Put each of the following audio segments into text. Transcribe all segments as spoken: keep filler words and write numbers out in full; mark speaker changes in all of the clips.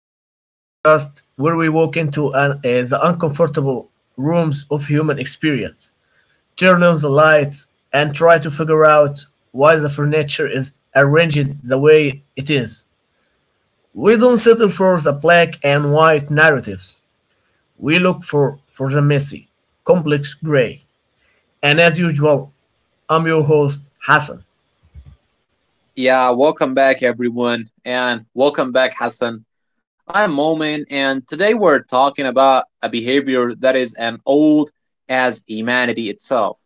Speaker 1: We are the podcast where we walk into an, uh, the uncomfortable rooms of human experience, turn on the lights, and try to figure out why the furniture is arranged the way it is. We don't settle for the black and white narratives, we look for, for the messy, complex gray. And as usual, I'm your host, Hassan.
Speaker 2: Yeah, welcome back, everyone, and welcome back, Hassan. I'm Momin, and today we're talking about a behavior that is as old as humanity itself.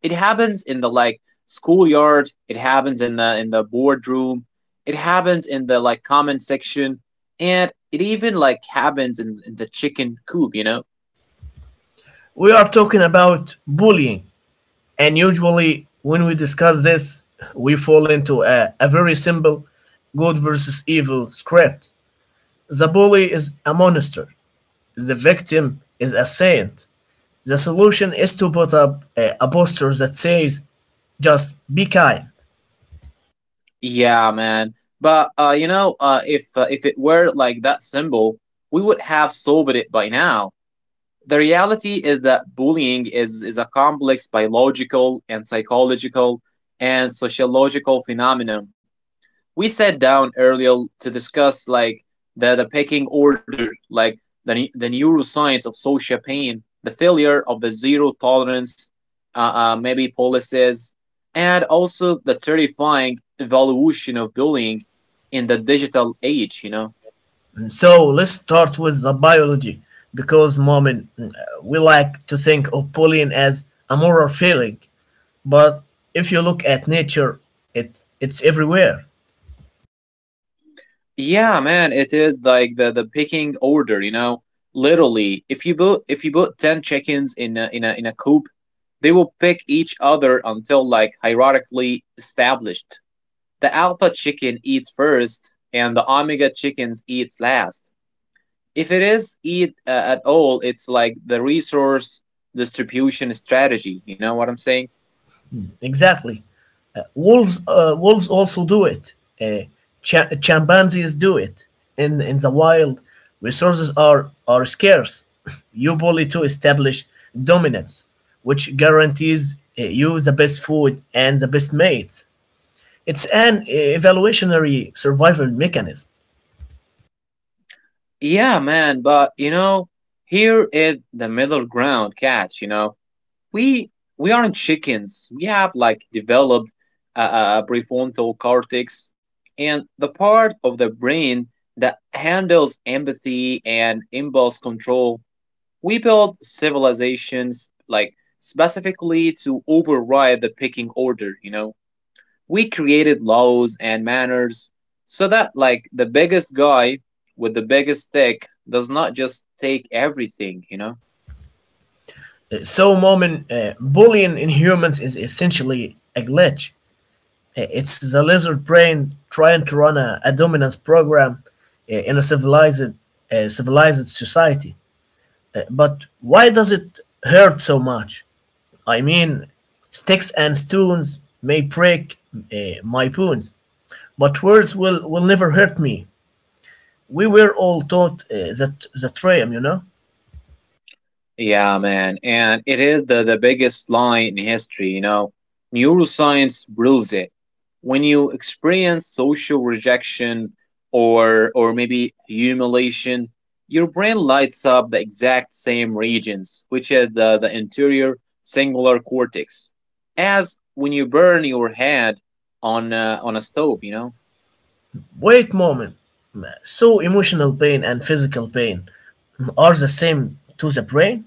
Speaker 2: It happens in the like schoolyard. It happens in the in the boardroom. It happens in the like comment section, and it even like happens in, in the chicken coop. You know?
Speaker 1: We are talking about bullying. And usually, when we discuss this, we fall into a, a very simple good versus evil script. The bully is a monster, the victim is a saint. The solution is to put up a, a poster that says, just be kind.
Speaker 2: Yeah, man. But uh, you know, uh, if uh, if it were like that symbol, we would have solved it by now. The reality is that bullying is, is a complex biological and psychological and sociological phenomenon. We sat down earlier to discuss like the, the pecking order, like the, the neuroscience of social pain, the failure of the zero tolerance, uh, uh, maybe policies, and also the terrifying evolution of bullying in the digital age, you know?
Speaker 1: So let's start with the biology, because Mom, we like to think of bullying as a moral failing, but if you look at nature, it's it's everywhere.
Speaker 2: Yeah, man, it is like the the picking order, you know. Literally, if you put if you put ten chickens in a, in a in a coop, they will pick each other until like hierarchically established. The alpha chicken eats first, and the omega chickens eats last. If it is eat uh, at all, it's like the resource distribution strategy. You know what I'm saying?
Speaker 1: Exactly. Uh, wolves, uh, wolves also do it. Uh, cha- chimpanzees do it. In in the wild, resources are are scarce. You bully to establish dominance, which guarantees uh, you the best food and the best mates. It's an evolutionary survival mechanism.
Speaker 2: Yeah, man, but you know, here is the middle ground catch. You know We we aren't chickens. We have like developed a, a prefrontal cortex and the part of the brain that handles empathy and impulse control. We built civilizations like specifically to override the picking order, you know. We created laws and manners so that like the biggest guy with the biggest stick does not just take everything, you know.
Speaker 1: Uh, So, Momin, uh, bullying in humans is essentially a glitch. I- It's the lizard brain trying to run a, a dominance program uh, in a civilized, uh, civilized society. Uh, but why does it hurt so much? I mean, sticks and stones may break uh, my bones, but words will, will never hurt me. We were all taught uh, that that rhyme, you know.
Speaker 2: Yeah, man, and it is the, the biggest lie in history, you know. Neuroscience proves it. When you experience social rejection or or maybe humiliation, your brain lights up the exact same regions, which is the, the interior singular cortex, as when you burn your head on uh, on a stove, you know.
Speaker 1: Wait, moment. So emotional pain and physical pain are the same to the brain?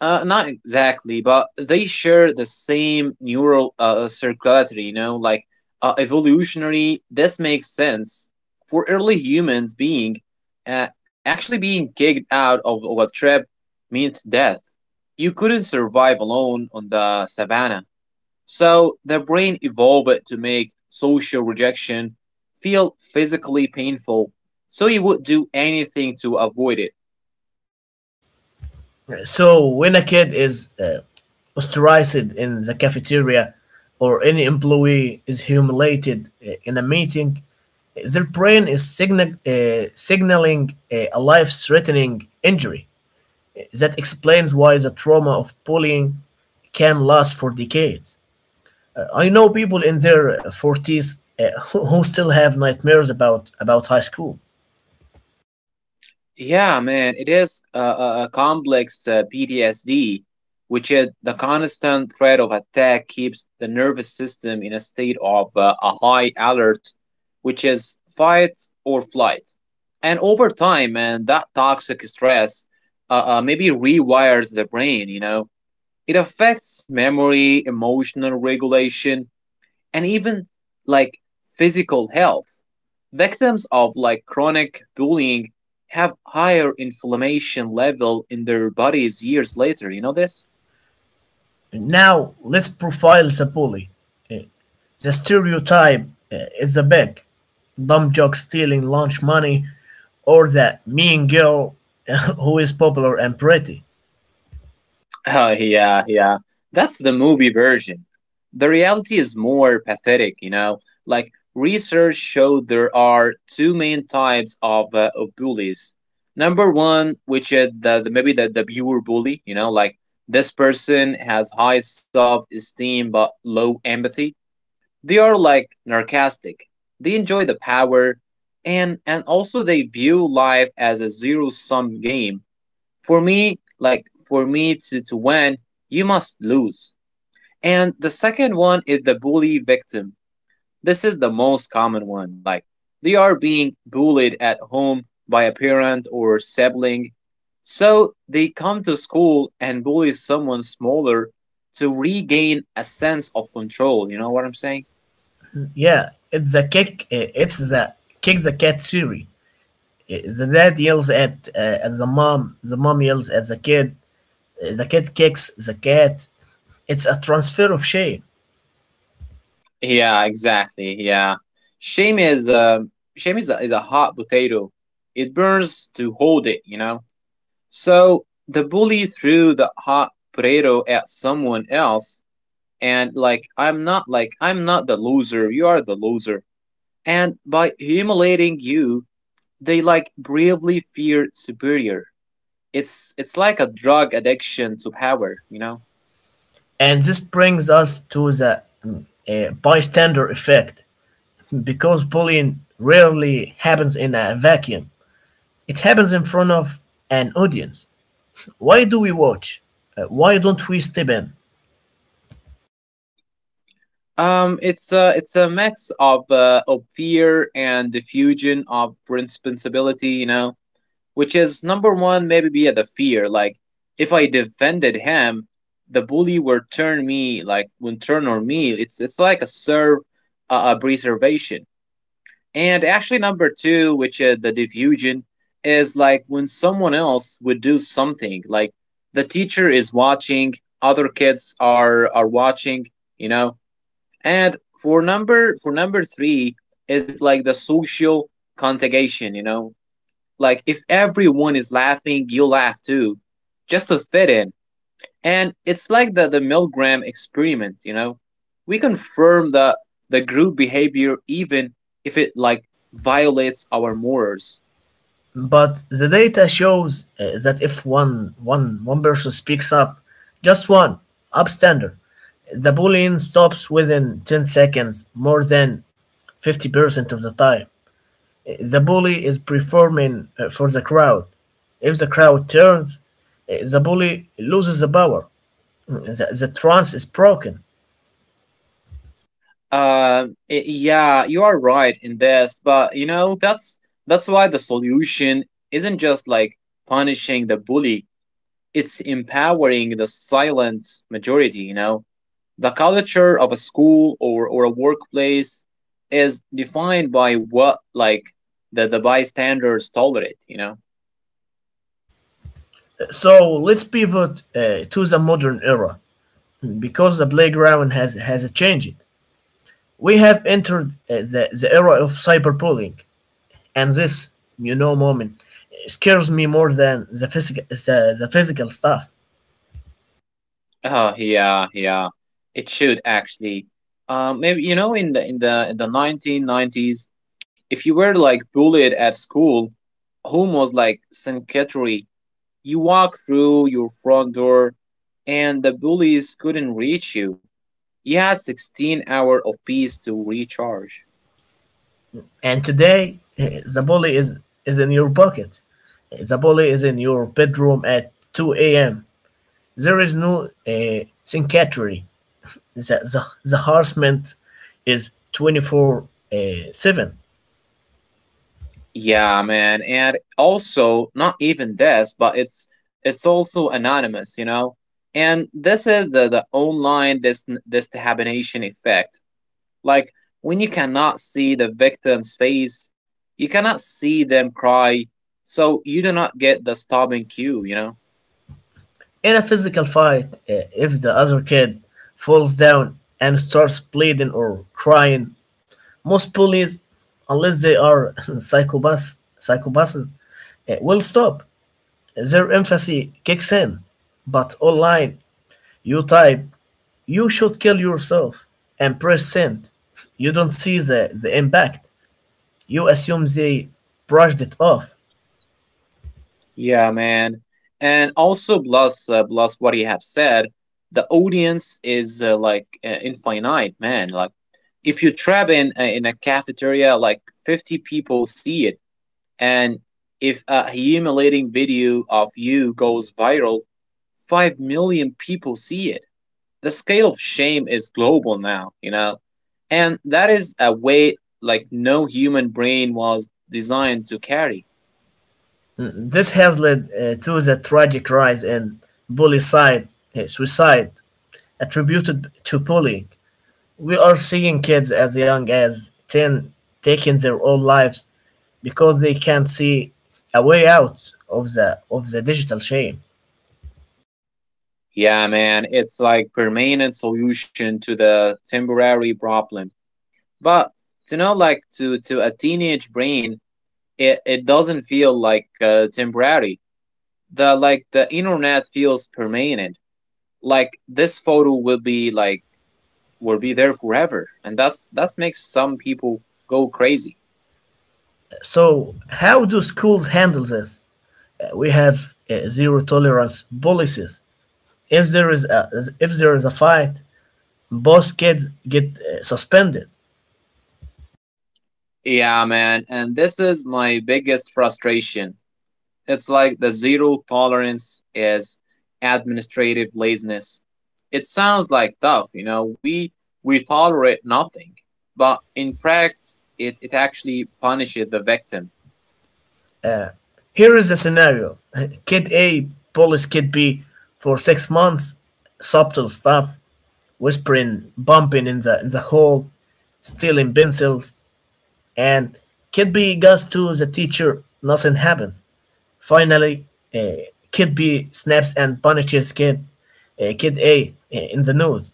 Speaker 2: Uh, not exactly, but they share the same neural uh, circuitry, you know, like uh, evolutionary, this makes sense. For early humans, being uh, actually being kicked out of, of a tribe means death. You couldn't survive alone on the savannah. So the brain evolved to make social rejection feel physically painful, so you would do anything to avoid it.
Speaker 1: So, when a kid is uh, ostracized in the cafeteria or any employee is humiliated uh, in a meeting, their brain is signal, uh, signaling uh, a life threatening injury. That explains why the trauma of bullying can last for decades. Uh, I know people in their forties uh, who who still have nightmares about, about high school.
Speaker 2: Yeah, man, it is a, a, a complex uh, P T S D, which is the constant threat of attack keeps the nervous system in a state of uh, a high alert, which is fight or flight. And over time, man, that toxic stress uh, uh, maybe rewires the brain, you know. It affects memory, emotional regulation, and even like physical health. Victims of like chronic bullying have higher inflammation level in their bodies years later. You know this?
Speaker 1: Now, let's profile the bully. Uh, The stereotype uh, is the big dumb jock stealing lunch money or the mean girl who is popular and pretty.
Speaker 2: Oh, yeah, yeah. That's the movie version. The reality is more pathetic, you know? Like, research showed there are two main types of, uh, of bullies. Number one, which is the, the, maybe the, the pure bully, you know, like this person has high self esteem but low empathy. They are like narcissistic. They enjoy the power and and also they view life as a zero sum game. For me, like for me to, to win, you must lose. And the second one is the bully victim. This is the most common one. Like they are being bullied at home by a parent or sibling. So they come to school and bully someone smaller to regain a sense of control. You know what I'm saying?
Speaker 1: Yeah, it's the kick. uh, it's the kick the cat theory. Uh, The dad yells at uh, at the mom. The mom yells at the kid. Uh, The kid kicks the cat. It's a transfer of shame,
Speaker 2: Yeah, exactly. Yeah, shame is uh, shame is a, is a hot potato. It burns to hold it, you know. So the bully threw the hot potato at someone else, and like I'm not like I'm not the loser. You are the loser. And by humiliating you, they like bravely fear superior. It's it's like a drug addiction to power, you know.
Speaker 1: and this brings us to the mm, uh, bystander effect, because bullying rarely happens in a vacuum. It happens in front of an audience. Why do we watch? Uh, why don't we step in?
Speaker 2: Um, it's a it's a mix of uh, of fear and the fusion of responsibility, you know, which is number one, maybe be the fear. Like, if I defended him, the bully will turn me like will turn on me. It's it's like a serve uh, a preservation. And actually, number two, which is the diffusion, is like when someone else would do something. Like the teacher is watching, other kids are are watching, you know and for number for number three, is it like the social contagion? You know, like, if everyone is laughing, you laugh too, just to fit in. And it's like the the Milgram experiment. You know, we confirm the the group behavior even if it like violates our morals.
Speaker 1: But the data shows uh, that if one, one, one person speaks up, just one, upstander, the bullying stops within ten seconds more than fifty percent of the time. Uh, The bully is performing uh, for the crowd. If the crowd turns, uh, the bully loses the power. Uh, The, the trance is broken.
Speaker 2: Um, i- yeah, you are right in this, but you know that's that's why the solution isn't just like punishing the bully. It's empowering the silent majority, you know. The culture of a school or, or a workplace is defined by what like the, the bystanders tolerate, you know.
Speaker 1: So let's pivot uh, to the modern era, because the playground has has changed. We have entered uh, the, the era of cyberbullying, and this, you know, moment, uh, scares me more than the physical the, the physical stuff.
Speaker 2: Oh, yeah, yeah. It should actually. Um, maybe you know in the in the in the nineteen nineties, if you were like bullied at school, home was like sanctuary. You walk through your front door, and the bullies couldn't reach you. He had sixteen hours of peace to recharge.
Speaker 1: And today, uh, the bully is is in your pocket. The bully is in your bedroom at two a m. There is no uh, syncatry. The, the, the harassment is twenty four uh, seven.
Speaker 2: Yeah, man. And also, not even this, but it's it's also anonymous, you know? And this is the, the online dis- destabination effect. Like, when you cannot see the victim's face, you cannot see them cry, so you do not get the stopping cue, you know?
Speaker 1: In a physical fight, uh, if the other kid falls down and starts bleeding or crying, most bullies, unless they are psychopaths, psychopaths uh, will stop. Their empathy kicks in. But online, you type, you should kill yourself, and press send. You don't see the, the impact. You assume they brushed it off.
Speaker 2: Yeah, man. And also, plus, uh, plus what you have said, the audience is uh, like uh, infinite, man. Like, if you trap in uh, in a cafeteria, like fifty people see it, and if a humiliating video of you goes viral, five million people see it. The scale of shame is global now, you know, and that is a weight like no human brain was designed to carry.
Speaker 1: Mm, this has led uh, to the tragic rise in bully side, uh, suicide attributed to bullying. We are seeing kids as young as ten taking their own lives because they can't see a way out of the of the digital shame.
Speaker 2: Yeah, man, it's like permanent solution to the temporary problem. But you know, like to to a teenage brain, it it doesn't feel like uh, temporary. The like the internet feels permanent. Like this photo will be like will be there forever, and that's that's makes some people go crazy.
Speaker 1: So, how do schools handle this? Uh, We have uh, zero tolerance policies. If there is a if there is a fight, both kids get uh, suspended.
Speaker 2: Yeah, man, and this is my biggest frustration. It's like the zero tolerance is administrative laziness. It sounds like tough, you know, we we tolerate nothing. But in practice it, it actually punishes the victim.
Speaker 1: Uh, here is the scenario: Kid A bullies Kid B for six months. Subtle stuff: whispering, bumping in the in the hall, stealing pencils, and Kid B goes to the teacher. Nothing happens. Finally, uh, Kid B snaps and punishes Kid uh, Kid A uh, in the nose.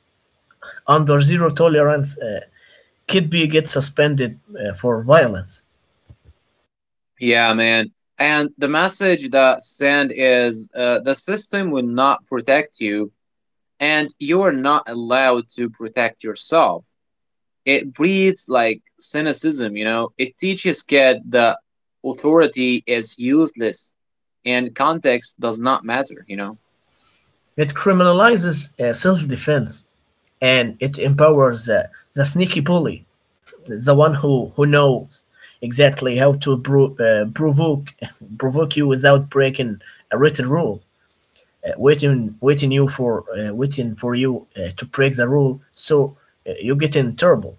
Speaker 1: Under zero tolerance, uh, Kid B gets suspended uh, for violence.
Speaker 2: Yeah, man. And the message that sent is uh, the system will not protect you and you are not allowed to protect yourself. It breeds like cynicism, you know. It teaches kids that authority is useless and context does not matter, you know.
Speaker 1: It criminalizes uh, self-defense, and it empowers uh, the sneaky bully, the one who who knows exactly how to pro- uh, provoke provoke you without breaking a written rule, uh, waiting waiting you for uh, waiting for you uh, to break the rule. So uh, you get in trouble.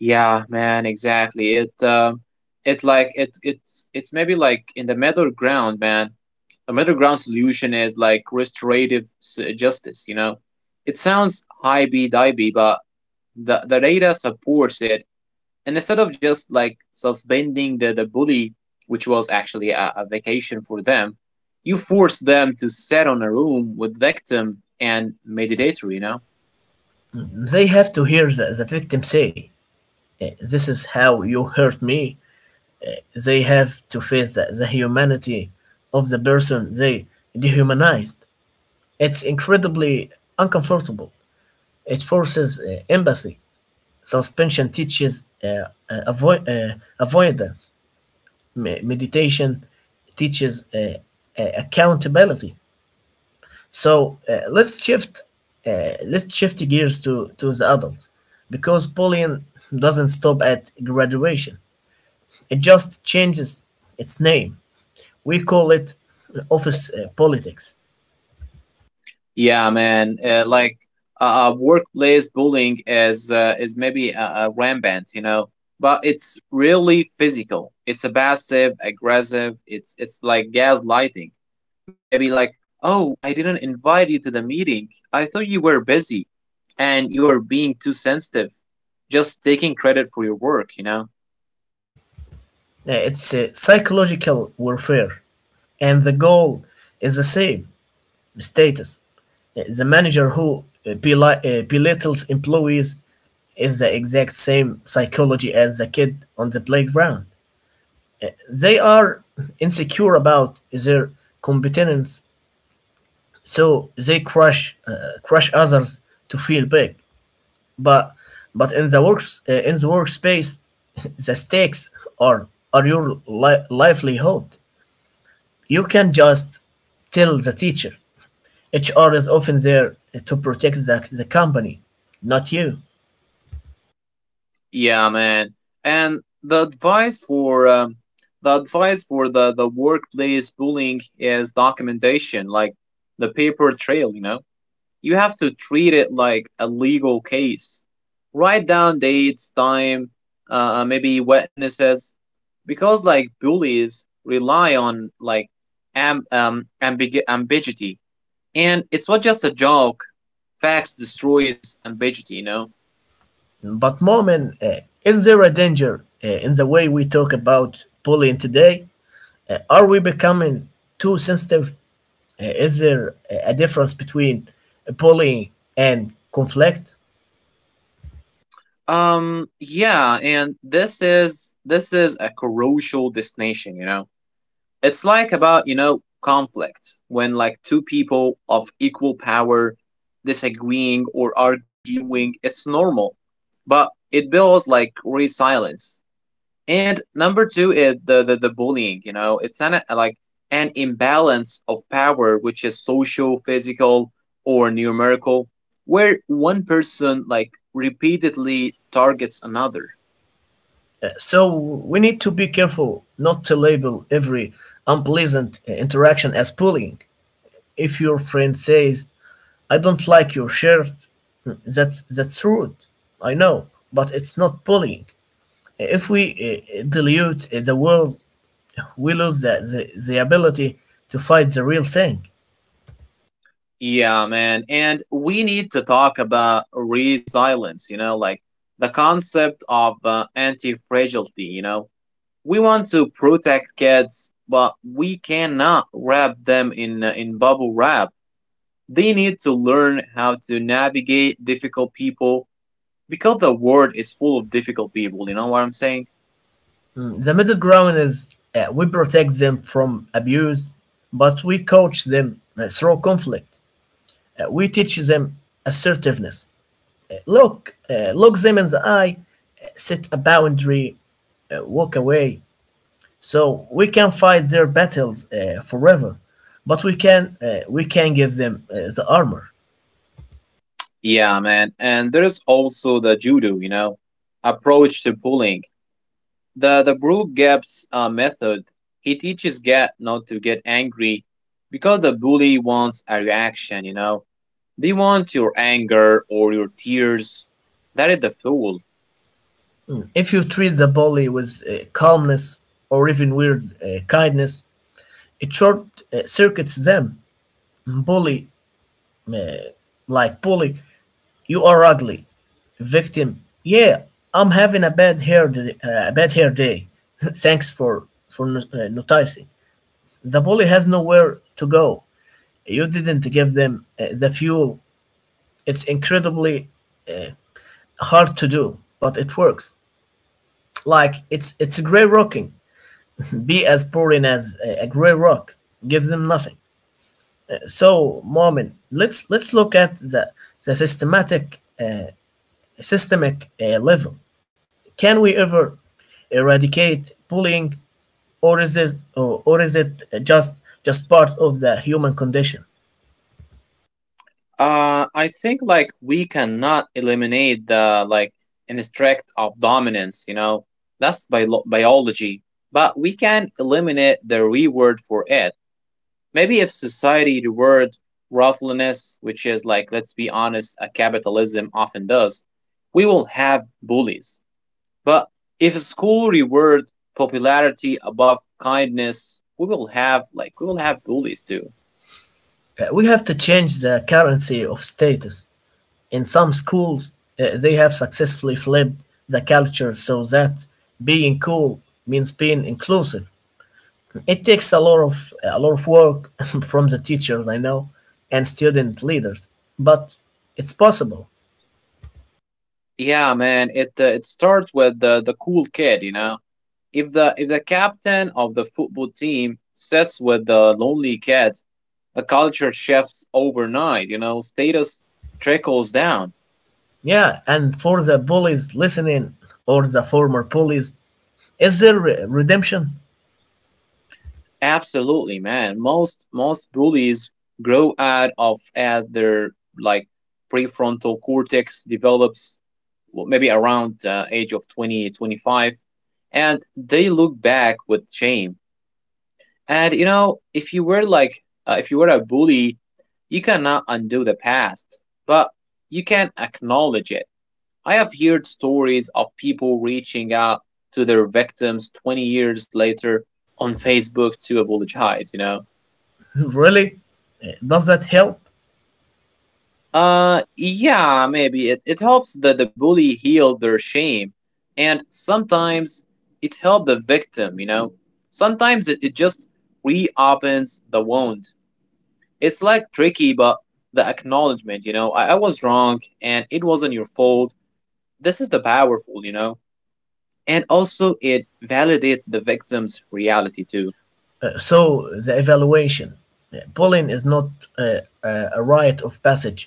Speaker 2: Yeah, man, exactly. It um it like it it's it's maybe like in the middle ground, man. A middle ground solution is like restorative s- justice, you know. It sounds high b divey, but the, the data supports it, and instead of just like suspending the, the bully, which was actually a, a vacation for them, you force them to sit on a room with victim and mediator, you know.
Speaker 1: They have to hear the, the victim say, uh, "This is how you hurt me." They have to face the, the humanity of the person they dehumanized. It's incredibly uncomfortable. It forces uh, empathy. Suspension teaches uh, uh, avoid, uh, avoidance. Me- meditation teaches uh, uh, accountability. So uh, let's shift. Uh, let's shift gears to to the adults, because bullying doesn't stop at graduation. It just changes its name. We call it office uh, politics.
Speaker 2: Yeah, man. Uh, like uh, uh, workplace bullying is uh, is maybe uh, uh, rampant, you know, but it's really physical. It's a passive aggressive. It's it's like gaslighting. Maybe like, oh, I didn't invite you to the meeting. I thought you were busy, and you are being too sensitive. Just taking credit for your work, you know.
Speaker 1: Uh, it's uh, psychological warfare, and the goal is the same: status. The manager who beli- uh, belittles employees is the exact same psychology as the kid on the playground. They are insecure about their competence, so they crush uh, crush others to feel big. But but in the works uh, in the workspace, the stakes are are your li- livelihood. You can just tell the teacher. H R is often there uh, to protect the, the company, not you.
Speaker 2: Yeah, man. And the advice for um, the advice for the the workplace bullying is documentation, like the paper trail. You know, you have to treat it like a legal case. Write down dates, time, uh, uh, maybe witnesses, because like bullies rely on like am um ambig- ambiguity, and it's not just a joke. Facts destroys ambiguity. You know.
Speaker 1: But, moment, uh, is there a danger uh, in the way we talk about bullying today? Uh, are we becoming too sensitive? Uh, is there a a difference between bullying and conflict?
Speaker 2: Um, yeah, and this is this is a crucial distinction, you know. It's like about, you know, conflict when like two people of equal power disagreeing or arguing, it's normal. But it builds like resilience. And number two is the, the, the bullying, you know, it's an like an imbalance of power which is social, physical, or numerical, where one person like repeatedly targets another.
Speaker 1: Uh, so, we need to be careful not to label every unpleasant uh, interaction as bullying. If your friend says, "I don't like your shirt," That's that's rude, I know, but it's not bullying. If we uh, dilute the world, we lose the, the, the ability to fight the real thing.
Speaker 2: Yeah, man. And we need to talk about resilience, you know, like the concept of uh, anti fragility, you know. We want to protect kids, but we cannot wrap them in, uh, in bubble wrap. They need to learn how to navigate difficult people because the world is full of difficult people, you know what I'm saying?
Speaker 1: Mm, the middle ground is, uh, we protect them from abuse, but we coach them uh, through conflict. Uh, we teach them assertiveness. Uh, look, uh, Look them in the eye, uh, set a boundary, uh, walk away. So we can fight their battles uh, forever, but we can uh, we can give them uh, the armor.
Speaker 2: Yeah, man. And there's also the judo, you know, approach to pulling. The the Brew Gaps uh, method, he teaches Gat not to get angry because the bully wants a reaction, you know. They want your anger or your tears. That is the fool.
Speaker 1: If you treat the bully with uh, calmness or even weird uh, kindness, it short uh, circuits them. Bully, uh, like bully, you are ugly. Victim, yeah, I'm having a bad hair day, uh, a bad hair day. Thanks for for no- uh, noticing. The bully has nowhere to go. You didn't give them uh, the fuel. It's incredibly hard to do, but it works. Like it's it's gray rocking. Be as boring as a, a gray rock. Give them nothing. So, Mormon, let's let's look at the the systematic uh, systemic uh, level. Can we ever eradicate bullying, or is this or, or is it just just part of the human condition?
Speaker 2: Uh, I think like we cannot eliminate the like instinct of dominance. You know, that's bio- biology, but we can eliminate the reward for it. Maybe if society reward worthlessness, which is like let's be honest, a capitalism often does, we will have bullies. But if school reward popularity above kindness, we will have like we will have bullies too.
Speaker 1: Uh, we have to change the currency of status. In some schools, uh, they have successfully flipped the culture so that being cool means being inclusive. It takes a lot of a lot of work from the teachers I know and student leaders, but it's possible.
Speaker 2: Yeah, man. It uh, it starts with the the cool kid, you know. If the if the captain of the football team sits with the lonely kid, the culture shifts overnight. You know, status trickles down.
Speaker 1: Yeah, and for the bullies listening or the former bullies, is there re- redemption?
Speaker 2: Absolutely, man. Most most bullies grow out of at their like prefrontal cortex develops well, maybe around uh, age of twenty twenty five, and they look back with shame. And you know, if you were like, uh, if you were a bully, you cannot undo the past, but you can acknowledge it. I have heard stories of people reaching out to their victims twenty years later on Facebook to apologize, you know?
Speaker 1: Really? Uh, Does that help?
Speaker 2: Uh, yeah, maybe it, it helps that the bully heal their shame. And sometimes it helped the victim, you know? Sometimes it, it just reopens the wound. It's like tricky, but the acknowledgement, you know, I, I was wrong and it wasn't your fault. This is the powerful, you know. And also, it validates the victim's reality too.
Speaker 1: Uh, so, the evaluation: Uh, bullying is not uh, a a rite of passage.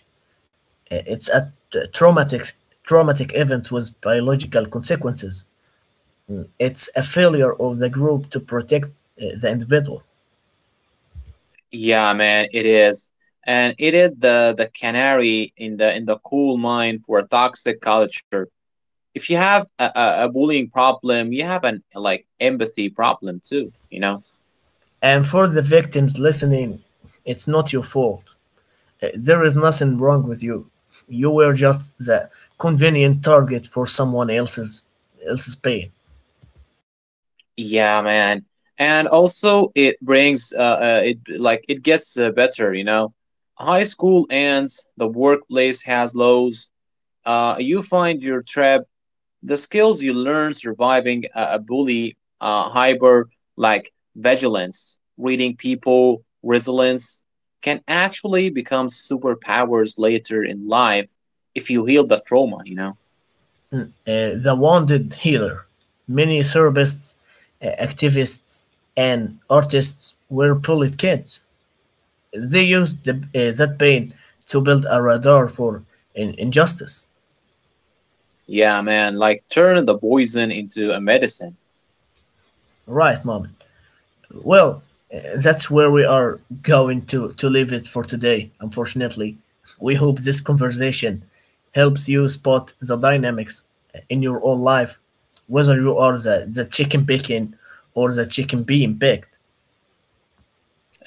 Speaker 1: Uh, It's a t- traumatic, traumatic event with biological consequences. It's a failure of the group to protect uh, the individual.
Speaker 2: Yeah, man, it is. And it is the, the canary in the in the coal mine for a toxic culture. If you have a, a, a bullying problem, you have an like empathy problem too, you know.
Speaker 1: And for the victims listening, it's not your fault. Uh, There is nothing wrong with you. You were just the convenient target for someone else's else's pain.
Speaker 2: Yeah, man. And also it brings uh, uh it like it gets uh, better, you know. High school ends, the workplace has lows. Uh you find your tribe, the skills you learn surviving a, a bully, uh hyper like vigilance, reading people, resilience can actually become superpowers later in life if you heal the trauma, you know.
Speaker 1: Mm, uh, the wounded healer. Many therapists, uh, activists, and artists were bullied kids. They used the, uh, that pain to build a radar for in- injustice.
Speaker 2: Yeah, man, like turn the poison into a medicine.
Speaker 1: Right, Mom. Well, uh, that's where we are going to, to leave it for today, unfortunately. We hope this conversation helps you spot the dynamics in your own life, whether you are the, the chicken picking or the chicken being picked.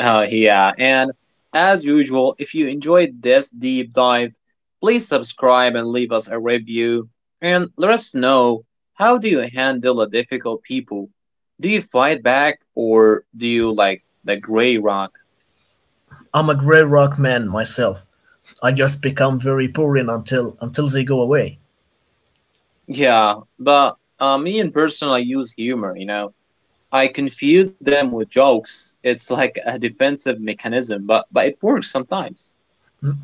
Speaker 2: Oh, yeah. And as usual, if you enjoyed this deep dive, please subscribe and leave us a review. And let us know, how do you handle the difficult people? Do you fight back or do you like the gray rock?
Speaker 1: I'm a gray rock man myself. I just become very boring until until they go away.
Speaker 2: Yeah, but uh, me in person, I use humor, you know. I confuse them with jokes. It's like a defensive mechanism, but, but it works sometimes.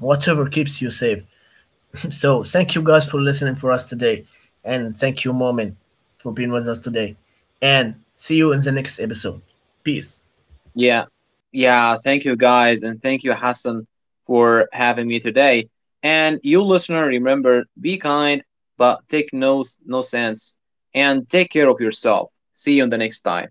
Speaker 1: Whatever keeps you safe. So thank you guys for listening for us today. And thank you, moment, for being with us today. And see you in the next episode. Peace.
Speaker 2: Yeah. Yeah. Thank you guys. And thank you, Hassan, for having me today. And you, listener, remember be kind, but take no, no sense. And take care of yourself. See you on the next time.